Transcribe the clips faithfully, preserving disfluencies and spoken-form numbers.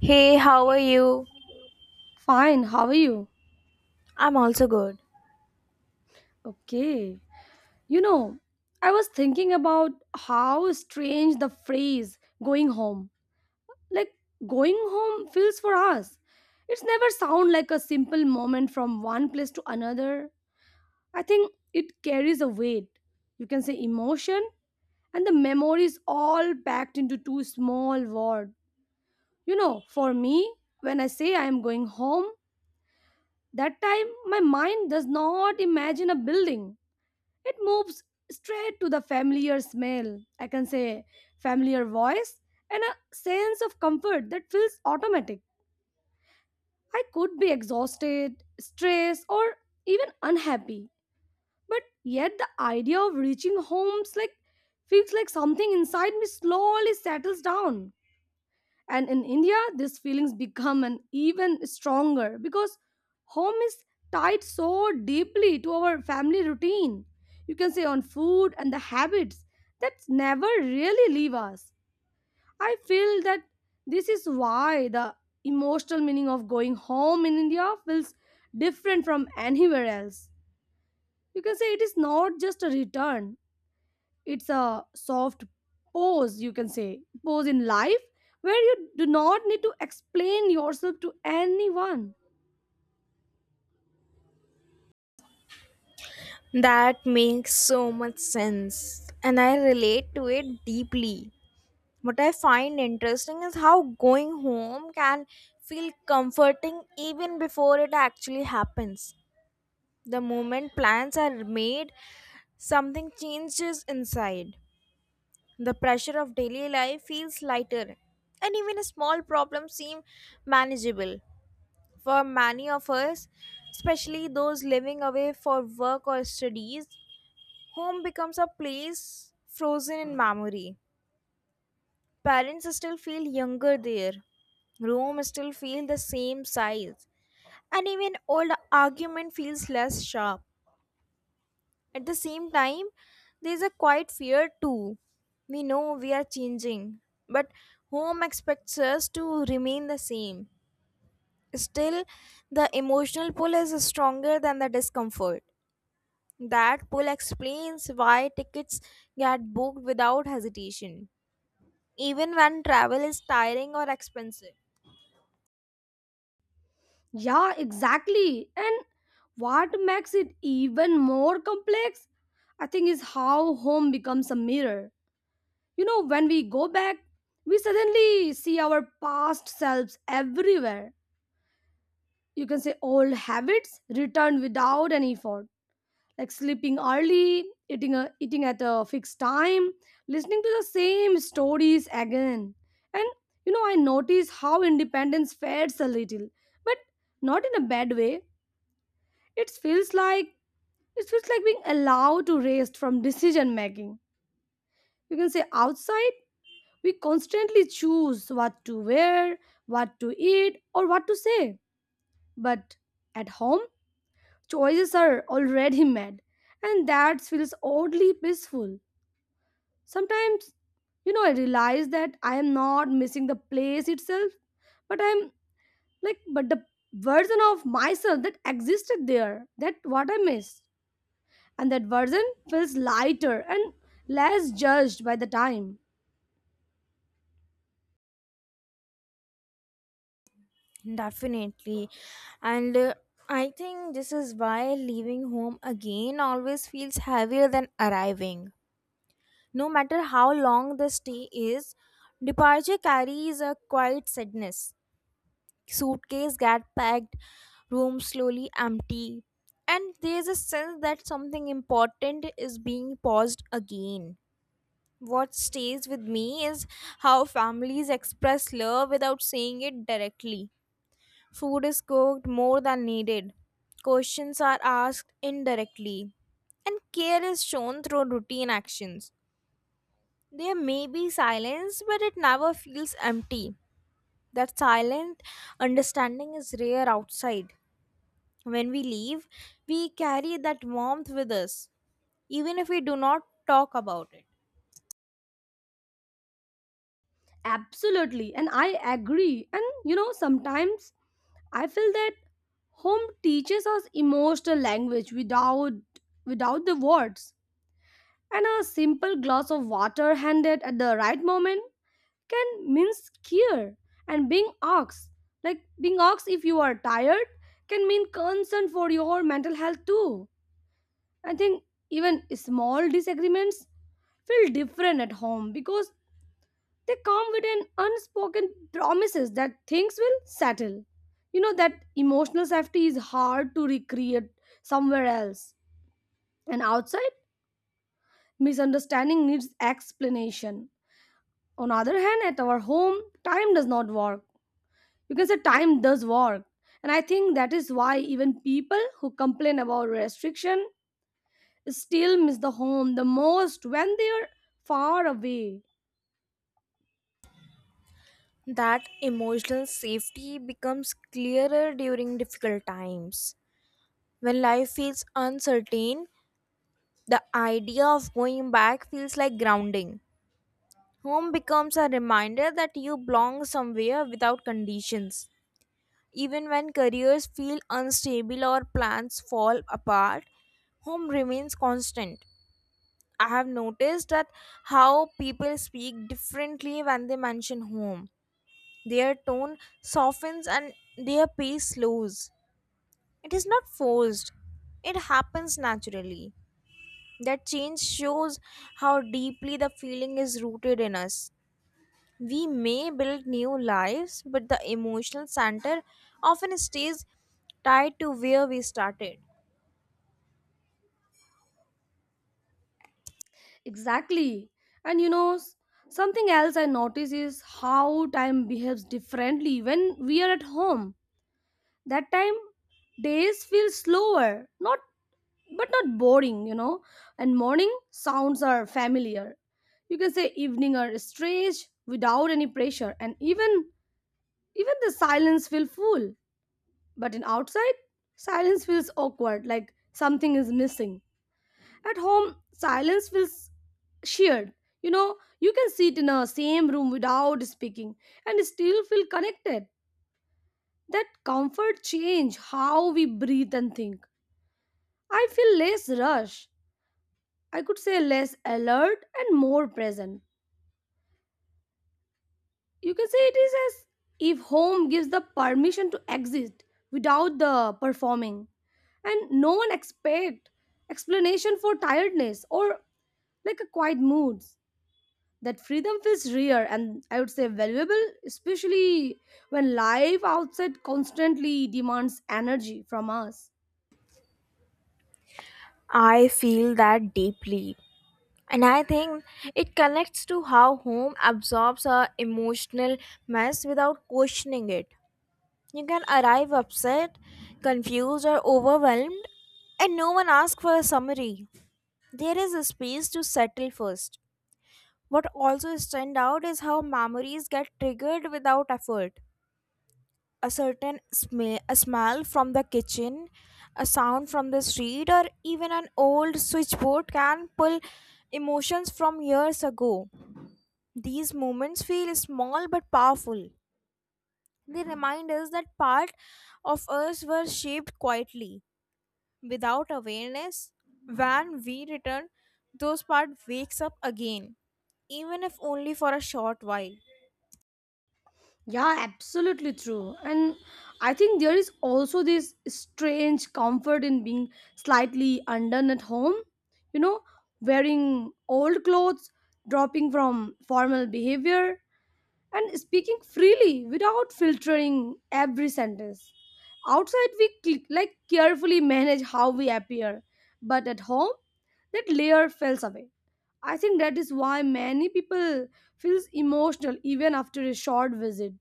Hey, how are Hey, you? fine, how are you? I'm also good. Okay. You know, I was thinking about how strange the phrase going home. Like going home feels for us. It's never sound like a simple moment from one place to another. I think it carries a weight. You can say emotion and the memories all packed into two small words. You know, for me, when I say I am going home, that time my mind does not imagine a building. It moves straight to the familiar smell, I can say familiar voice, and a sense of comfort that feels automatic. I could be exhausted, stressed, or even unhappy, but yet the idea of reaching homes like feels like something inside me slowly settles down. And in India, these feelings become an even stronger because home is tied so deeply to our family routine. You can say on food and the habits that never really leave us. I feel that this is why the emotional meaning of going home in India feels different from anywhere else. You can say it is not just a return, it's a soft pose you can say pose in life where you do not need to explain yourself to anyone. That makes so much sense, and I relate to it deeply. What I find interesting is how going home can feel comforting even before it actually happens. The moment plans are made, something changes inside. The pressure of daily life feels lighter, and even a small problems seem manageable. For many of us, especially those living away for work or studies, home becomes a place frozen in memory. Parents still feel younger there. Room still feel the same size. And even old argument feels less sharp. At the same time, there's a quiet fear too. We know we are changing, but home expects us to remain the same. Still, the emotional pull is stronger than the discomfort. That pull explains why tickets get booked without hesitation, even when travel is tiring or expensive. Yeah, exactly. And what makes it even more complex I think is how home becomes a mirror. You know, when we go back we suddenly see our past selves everywhere. You can say old habits return without any effort, like sleeping early, eating a, eating at a fixed time, listening to the same stories again. And you know, I notice how independence fades a little, but not in a bad way. It feels like it feels like being allowed to rest from decision making. You can say outside we constantly choose what to wear, what to eat, or what to say. But at home, choices are already made, and that feels oddly peaceful. Sometimes, you know, I realize that I am not missing the place itself, but I'm like, but the version of myself that existed there, that what I miss. And that version feels lighter and less judged by the time. Definitely. And uh, I think this is why leaving home again always feels heavier than arriving. No matter how long the stay is, departure carries a quiet sadness. Suitcase get packed, room slowly empty, and there's a sense that something important is being paused again. What stays with me is how families express love without saying it directly. Food is cooked more than needed, questions are asked indirectly, and care is shown through routine actions. There may be silence, but it never feels empty. That silent understanding is rare outside. When we leave, we carry that warmth with us, even if we do not talk about it. Absolutely. And I agree. And, you know, sometimes I feel that home teaches us emotional language without without the words, and a simple glass of water handed at the right moment can means care, and being ox like being ox if you are tired can mean concern for your mental health too. I think even small disagreements feel different at home because they come with an unspoken promises that things will settle. You know that emotional safety is hard to recreate somewhere else, and outside misunderstanding needs explanation. On other hand, at our home time does not work because the time does work. And I think that is why even people who complain about restriction still miss the home the most when they are far away. That emotional safety becomes clearer during difficult times. When life feels uncertain, the idea of going back feels like grounding. Home becomes a reminder that you belong somewhere without conditions. Even when careers feel unstable or plans fall apart, home remains constant. I have noticed that how people speak differently when they mention home. Their tone softens and their pace slows. It is not forced, it happens naturally. That change shows how deeply the feeling is rooted in us. We may build new lives, but the emotional center often stays tied to where we started. Exactly. And you know, s- something else I notice is how time behaves differently when we are at home. That time days feel slower, not but not boring, you know. And morning sounds are familiar, you can say evening or stretch without any pressure. And even Even the silence feels full, but in outside, silence feels awkward, like something is missing. At home, silence feels shared. You know, you can sit in a same room without speaking and still feel connected. That comfort change how we breathe and think. I feel less rush. I could say less alert and more present. You can say it is as if home gives the permission to exist without the performing, and no one expect explanation for tiredness or like a quiet moods. That freedom feels rare and I would say valuable, especially when life outside constantly demands energy from us. I feel that deeply. And I think it connects to how home absorbs our emotional mess without questioning it. You can arrive upset, confused, or overwhelmed, and no one asks for a summary. There is a space to settle first. What also stands out is how memories get triggered without effort. A certain sm- a smell from the kitchen, a sound from the street, or even an old switchboard can pull emotions from years ago. These moments feel small but powerful. They remind us that part of us were shaped quietly. Without awareness, when we return, those part wakes up again, even if only for a short while. Yeah, absolutely true. And I think there is also this strange comfort in being slightly undone at home. You know, wearing old clothes, dropping from formal behavior, and speaking freely without filtering every sentence. Outside, we cl- like carefully manage how we appear, but at home, that layer falls away. I think that is why many people feels emotional even after a short visit.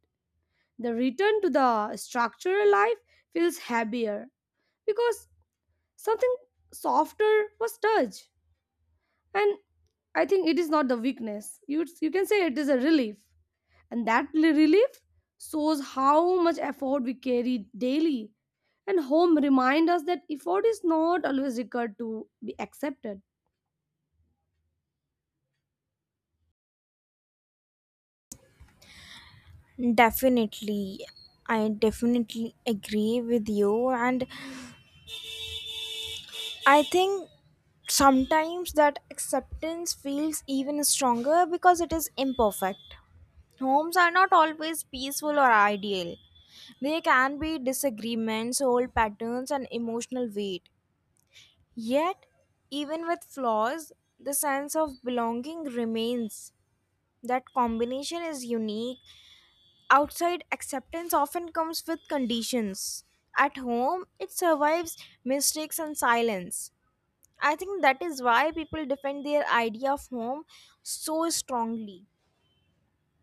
The return to the structural life feels heavier because something softer was touched. And I think it is not the weakness. You, you can say it is a relief. And that li- relief shows how much effort we carry daily. And home remind us that effort is not always required to be accepted. Definitely. I definitely agree with you, and I think sometimes that acceptance feels even stronger because it is imperfect. Homes are not always peaceful or ideal. There can be disagreements, old patterns, and emotional weight. Yet, even with flaws, the sense of belonging remains. That combination is unique. Outside acceptance often comes with conditions. At home, it survives mistakes and silence. I think that is why people defend their idea of home so strongly.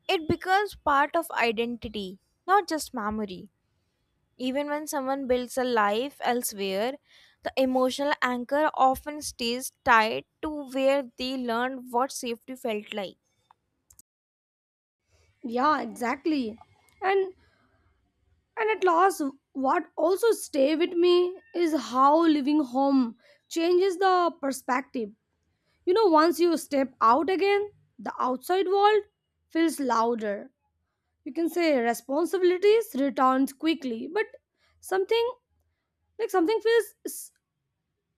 It becomes part of identity, not just memory. Even when someone builds a life elsewhere, the emotional anchor often stays tied to where they learned what safety felt like. Yeah, exactly. And and at last, what also stay with me is how living home changes the perspective. You know, once you step out again, the outside world feels louder. You can say responsibilities returns quickly, but something like something feels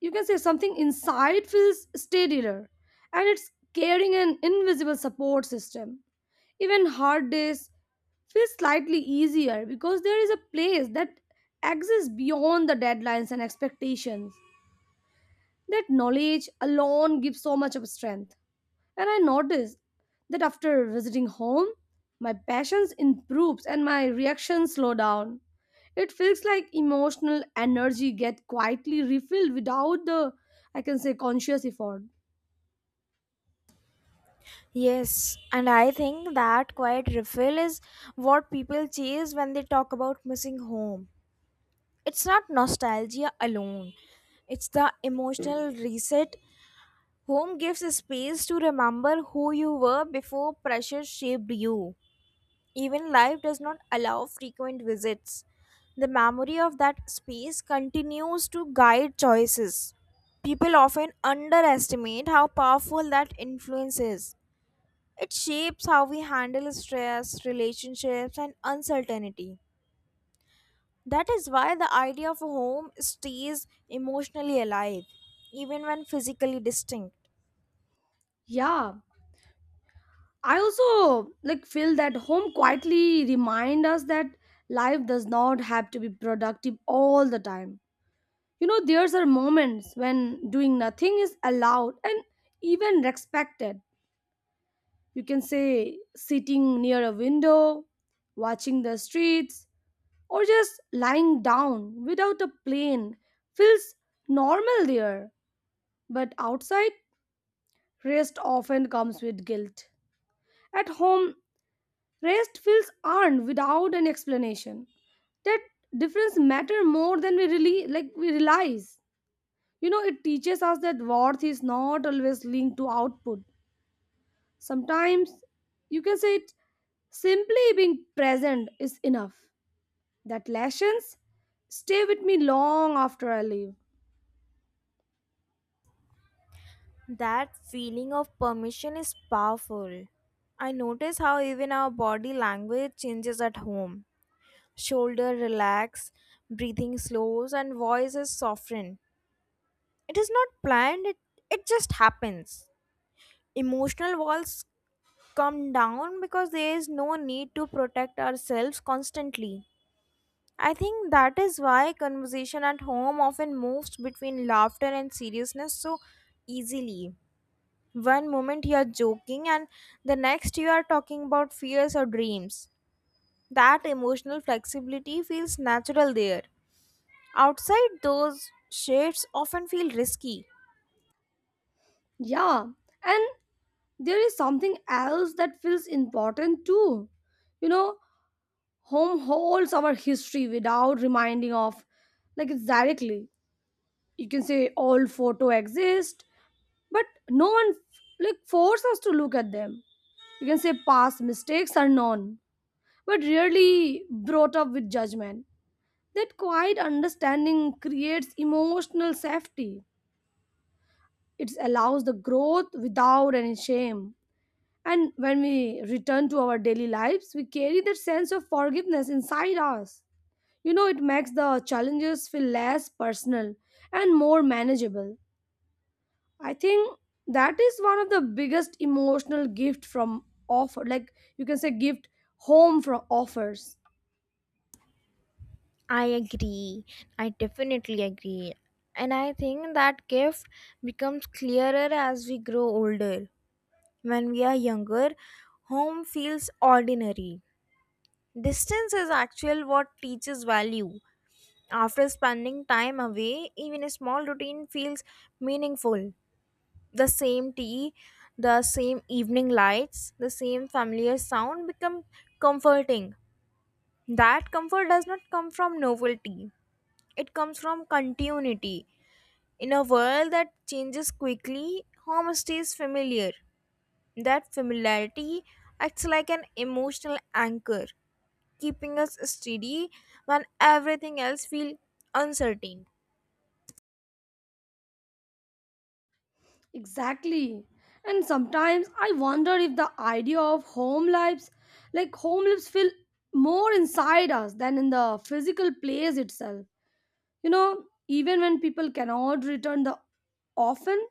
you can say something inside feels steadier, and it's carrying an invisible support system. Even hard days feel slightly easier because there is a place that exists beyond the deadlines and expectations. That knowledge alone gives so much of strength. And I noticed that after visiting home, my passions improves and my reactions slow down. It feels like emotional energy get quietly refilled without the I can say conscious effort. Yes, and I think that quiet refill is what people chase when they talk about missing home. It's not nostalgia alone, it's the emotional reset. Home gives space to remember who you were before pressure shaped you. Even life does not allow frequent visits. The memory of that space continues to guide choices. People often underestimate how powerful that influence is. It shapes how we handle stress, relationships, and uncertainty. That is why the idea of a home stays emotionally alive, even when physically distinct. Yeah. I also like feel that home quietly remind us that life does not have to be productive all the time. You know, there's are moments when doing nothing is allowed and even respected. You can say sitting near a window, watching the streets, or just lying down without a plane feels normal there. But outside, rest often comes with guilt. At home, rest feels earned without an explanation. That difference matter more than we really like we realize. You know, it teaches us that worth is not always linked to output. Sometimes you can say it simply being present is enough. That lessons stay with me long after I leave. That feeling of permission is powerful. I notice how even our body language changes at home. Shoulder relax, breathing slows, and voice is softened. It is not planned, it, it just happens. Emotional walls come down because there is no need to protect ourselves constantly. I think that is why conversation at home often moves between laughter and seriousness so easily. One moment you are joking, and the next you are talking about fears or dreams. That emotional flexibility feels natural there. Outside, those shades, often feel risky. Yeah, and there is something else that feels important too. You know, home holds our history without reminding of like it's directly. You can say all photo exist, but no one like force us to look at them. You can say past mistakes are known but rarely brought up with judgment. That quiet understanding creates emotional safety. It allows the growth without any shame. And when we return to our daily lives, we carry that sense of forgiveness inside us. You know, it makes the challenges feel less personal and more manageable. I think that is one of the biggest emotional gift from offer, like you can say, gift home from offers. I agree. I definitely agree. And I think that gift becomes clearer as we grow older. When we are younger, home feels ordinary. Distance is actually what teaches value. After spending time away, even a small routine feels meaningful. The same tea, the same evening lights, the same familiar sound become comforting. That comfort does not come from novelty, it comes from continuity. In a world that changes quickly, home stays familiar. That familiarity acts like an emotional anchor keeping us steady when everything else feels uncertain. Exactly. And sometimes I wonder if the idea of home lives, like home lives, feel more inside us than in the physical place itself. You know, even when people cannot return the often,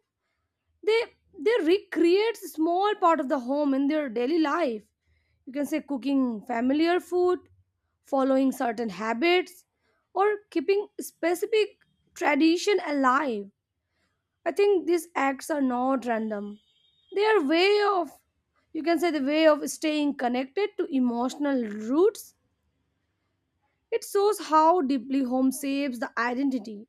they they recreate small part of the home in their daily life. You can say cooking familiar food, following certain habits, or keeping specific tradition alive. I think these acts are not random. They are way of, you can say, the way of staying connected to emotional roots. It shows how deeply home shapes the identity.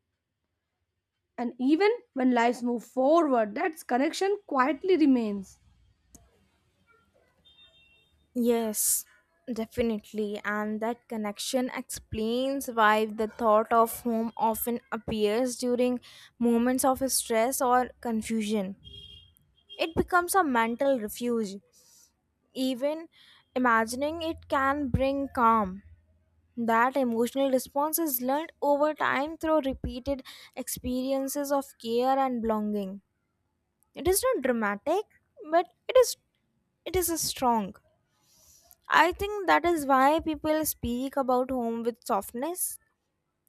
And even when lives move forward, that connection quietly remains. Yes, definitely. And that connection explains why the thought of home often appears during moments of stress or confusion. It becomes a mental refuge. Even imagining it can bring calm. That emotional response is learned over time through repeated experiences of care and belonging. It is not dramatic, but it is it is a strong. I think that is why people speak about home with softness.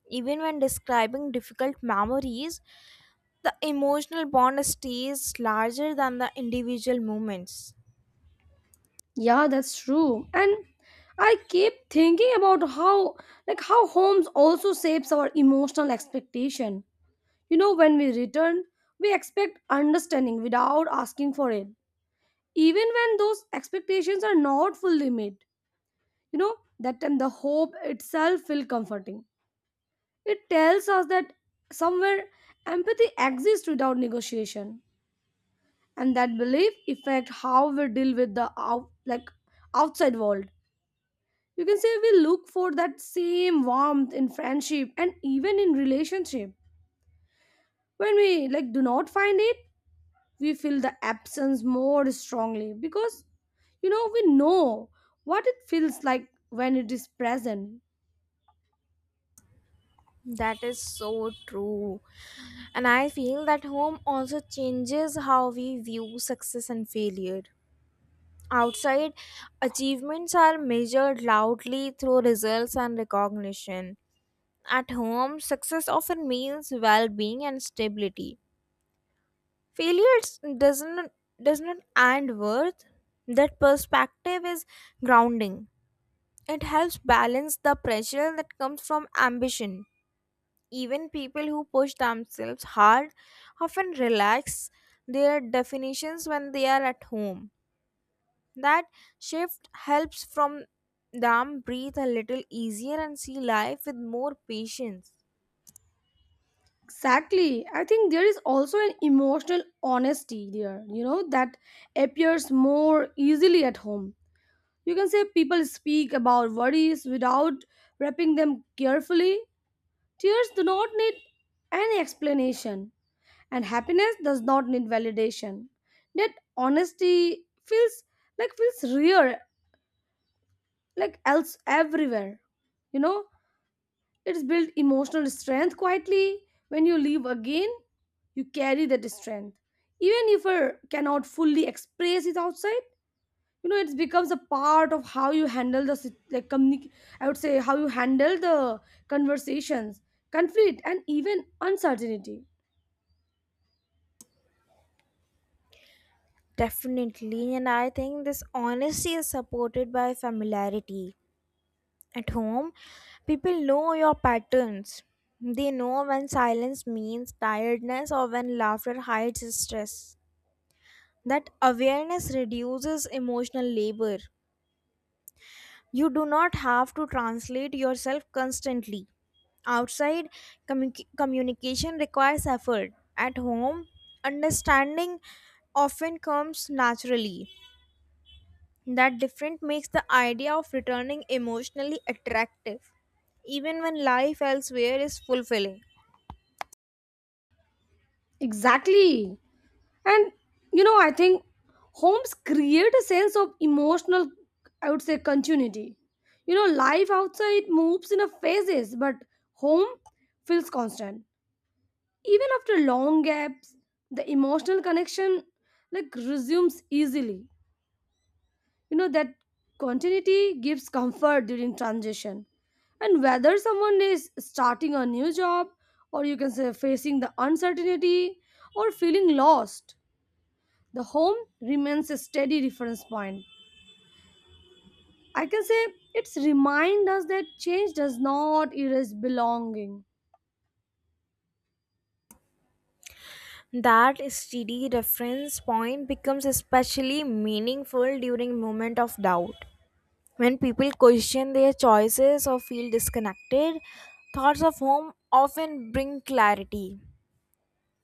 Even when describing difficult memories, the emotional bond stays larger than the individual moments. Yeah, that's true. And I keep thinking about how, like, how homes also shapes our emotional expectation. You know, when we return, we expect understanding without asking for it even when those expectations are not fully met. You know that time the hope itself feels comforting. It tells us that somewhere empathy exists without negotiation, and that belief affect how we deal with the out like outside world. You can say we look for that same warmth in friendship and even in relationship. When we like do not find it, we feel the absence more strongly because you know we know what it feels like when it is present. That is so true. And I feel that home also changes how we view success and failure. Outside, achievements are measured loudly through results and recognition. At home, success often means well-being and stability. Failure doesn't does not end worth. That perspective is grounding. It helps balance the pressure that comes from ambition. Even people who push themselves hard often relax their definitions when they are at home. That shift helps from them breathe a little easier and see life with more patience. Exactly. I think there is also an emotional honesty there, you know, that appears more easily at home. You can say people speak about worries without wrapping them carefully. Tears do not need any explanation, and happiness does not need validation. That honesty feels like feels real, like else everywhere, you know. It's built emotional strength quietly. When you leave again, you carry that strength, even if you cannot fully express it outside. You know, it becomes a part of how you handle the sit- like communic- I would say how you handle the conversations, conflict, and even uncertainty. Definitely, and I think this honesty is supported by familiarity. At home, people know your patterns. They know when silence means tiredness or when laughter hides stress. That awareness reduces emotional labor. You do not have to translate yourself constantly. Outside, commu- communication requires effort. At home, understanding often comes naturally. That difference makes the idea of returning emotionally attractive, even when life elsewhere is fulfilling. Exactly. And you know, I think homes create a sense of emotional, I would say, continuity. You know, life outside moves in a phases, but home feels constant. Even after long gaps, the emotional connection like resumes easily. You know, that continuity gives comfort during transition. And whether someone is starting a new job, or you can say facing the uncertainty, or feeling lost, the home remains a steady reference point. I can say it's remind us that change does not erase belonging. That steady reference point becomes especially meaningful during moment of doubt. When people question their choices or feel disconnected, thoughts of home often bring clarity.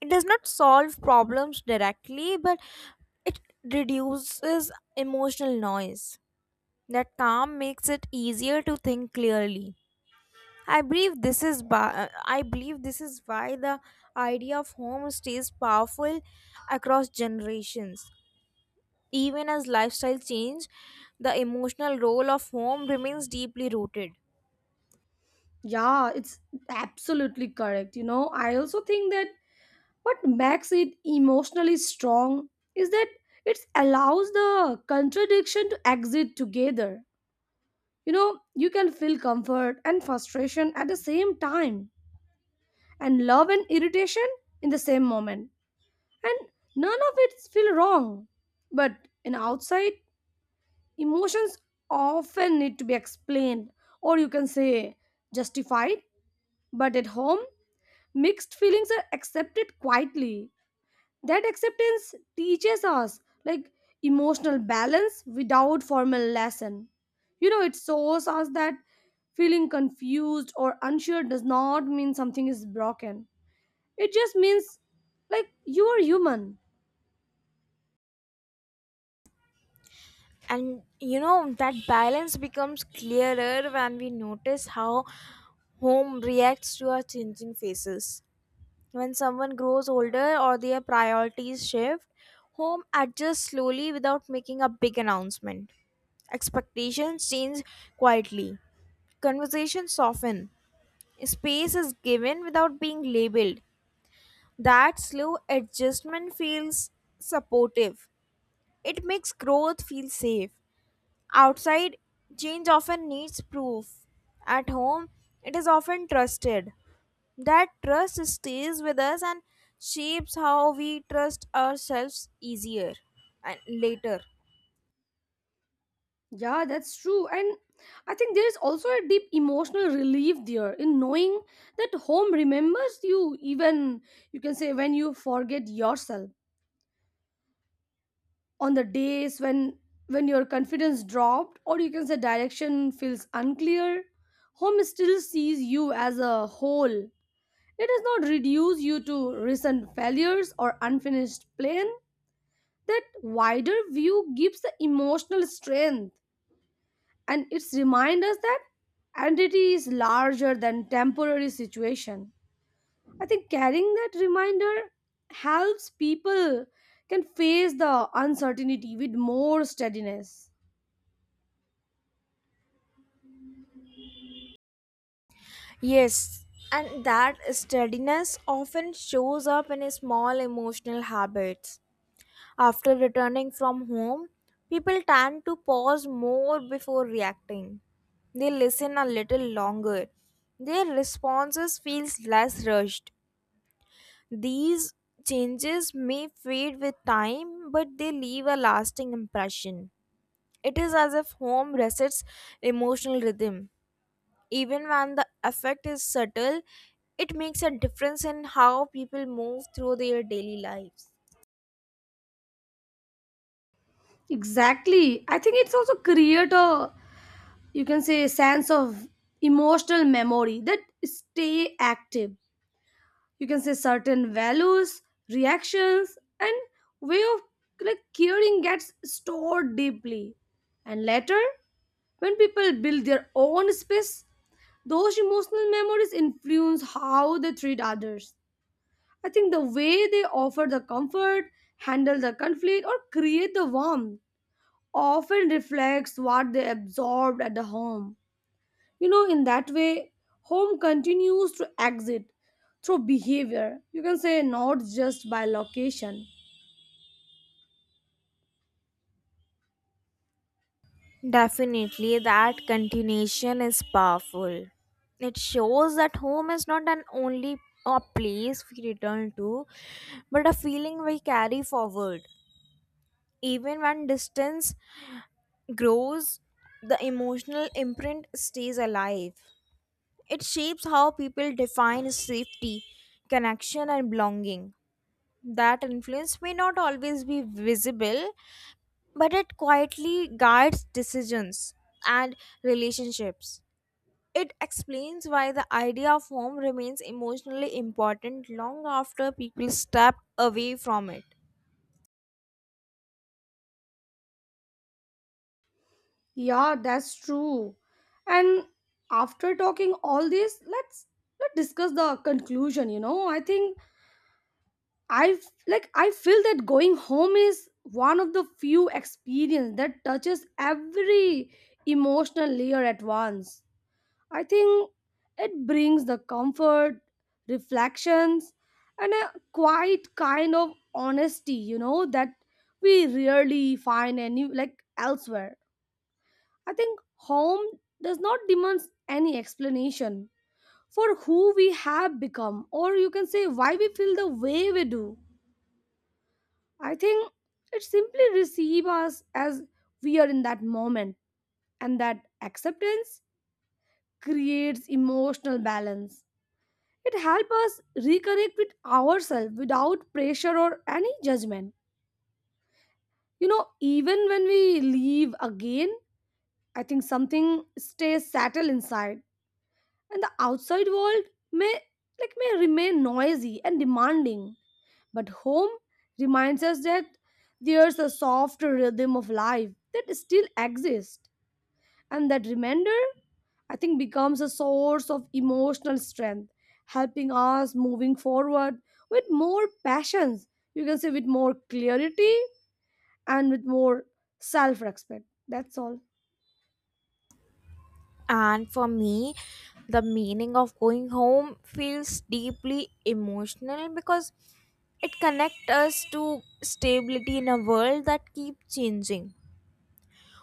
It does not solve problems directly, but it reduces emotional noise. That calm makes it easier to think clearly. I believe this is ba- I believe this is why the idea of home stays powerful across generations. Even as lifestyle change, the emotional role of home remains deeply rooted. Yeah, it's absolutely correct. You know, I also think that what makes it emotionally strong is that it allows the contradiction to exit together. You know, you can feel comfort and frustration at the same time, and love and irritation in the same moment, and none of it feel wrong. But in outside, emotions often need to be explained, or you can say justified, but at home, mixed feelings are accepted quietly. That acceptance teaches us like emotional balance without formal lesson. You know, it shows us that feeling confused or unsure does not mean something is broken. It just means like you are human. And you know that balance becomes clearer when we notice how home reacts to our changing phases. When someone grows older or their priorities shift, home adjusts slowly without making a big announcement. Expectations change quietly. Conversations soften. Space is given without being labeled. That slow adjustment feels supportive. It makes growth feel safe. Outside, change often needs proof. At home, it is often trusted. That trust stays with us and shapes how we trust ourselves easier and later. Yeah, that's true. And I think there is also a deep emotional relief there in knowing that home remembers you even you can say when you forget yourself on the days when when your confidence dropped, or you can say direction feels unclear. Home still sees you as a whole. It does not reduce you to recent failures or unfinished plan. That wider view gives the emotional strength, and it's remind us that identity is larger than temporary situation. I think carrying that reminder helps people can face the uncertainty with more steadiness. Yes, and that steadiness often shows up in small emotional habits. After returning from home, people tend to pause more before reacting. They listen a little longer. Their responses feels less rushed. These changes may fade with time, but they leave a lasting impression. It is as if home resets emotional rhythm. Even when the effect is subtle, it makes a difference in how people move through their daily lives. Exactly. I think it's also create a you can say sense of emotional memory that stay active. You can say certain values, reactions, and way of like caring gets stored deeply. And later when people build their own space, those emotional memories influence how they treat others. I think the way they offer the comfort, handle the conflict, or create the warmth often reflects what they absorbed at the home. You know, in that way, home continues to exit through behavior. You can say not just by location. Definitely, that continuation is powerful. It shows that home is not an only a place we return to, but a feeling we carry forward. Even when distance grows, the emotional imprint stays alive. It shapes how people define safety, connection, and belonging. That influence may not always be visible, but it quietly guides decisions and relationships. It explains why the idea of home remains emotionally important long after people step away from it. Yeah, that's true. And after talking all this, let's let's discuss the conclusion, you know. I think I like I feel that going home is one of the few experience that touches every emotional layer at once. I think it brings the comfort, reflections, and a quiet kind of honesty, you know, that we rarely find any like elsewhere. I think home does not demand any explanation for who we have become, or you can say why we feel the way we do. I think it simply receives us as we are in that moment, and that acceptance creates emotional balance. It helps us reconnect with ourselves without pressure or any judgment. You know, even when we leave again, I think something stays settled inside, and the outside world may like may remain noisy and demanding, but home reminds us that there's a soft rhythm of life that still exists. And that remainder, I think, becomes a source of emotional strength, helping us moving forward with more passions, you can say with more clarity, and with more self-respect. That's all. And for me, the meaning of going home feels deeply emotional because it connects us to stability in a world that keeps changing.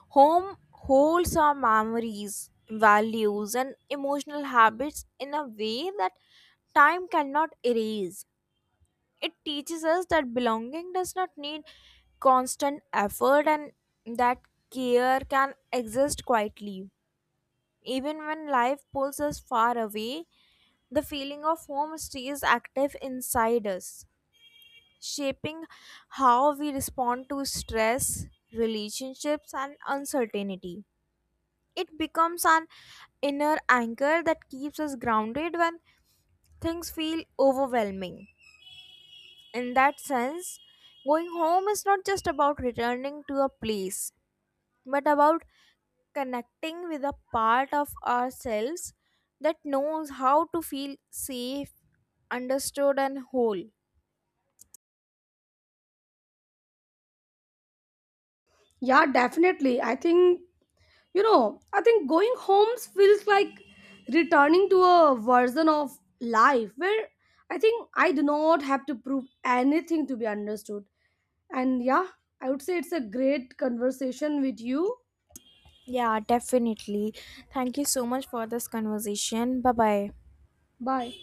Home holds our memories, values, and emotional habits in a way that time cannot erase. It teaches us that belonging does not need constant effort and that care can exist quietly. Even when life pulls us far away, the feeling of home stays active inside us, shaping how we respond to stress, relationships, and uncertainty. It becomes an inner anchor that keeps us grounded when things feel overwhelming. In that sense, going home is not just about returning to a place, but about connecting with a part of ourselves that knows how to feel safe, understood, and whole. Yeah, definitely. I think You know, I think going home feels like returning to a version of life where I think I do not have to prove anything to be understood. And yeah, I would say it's a great conversation with you. Yeah, definitely. Thank you so much for this conversation. Bye bye. Bye.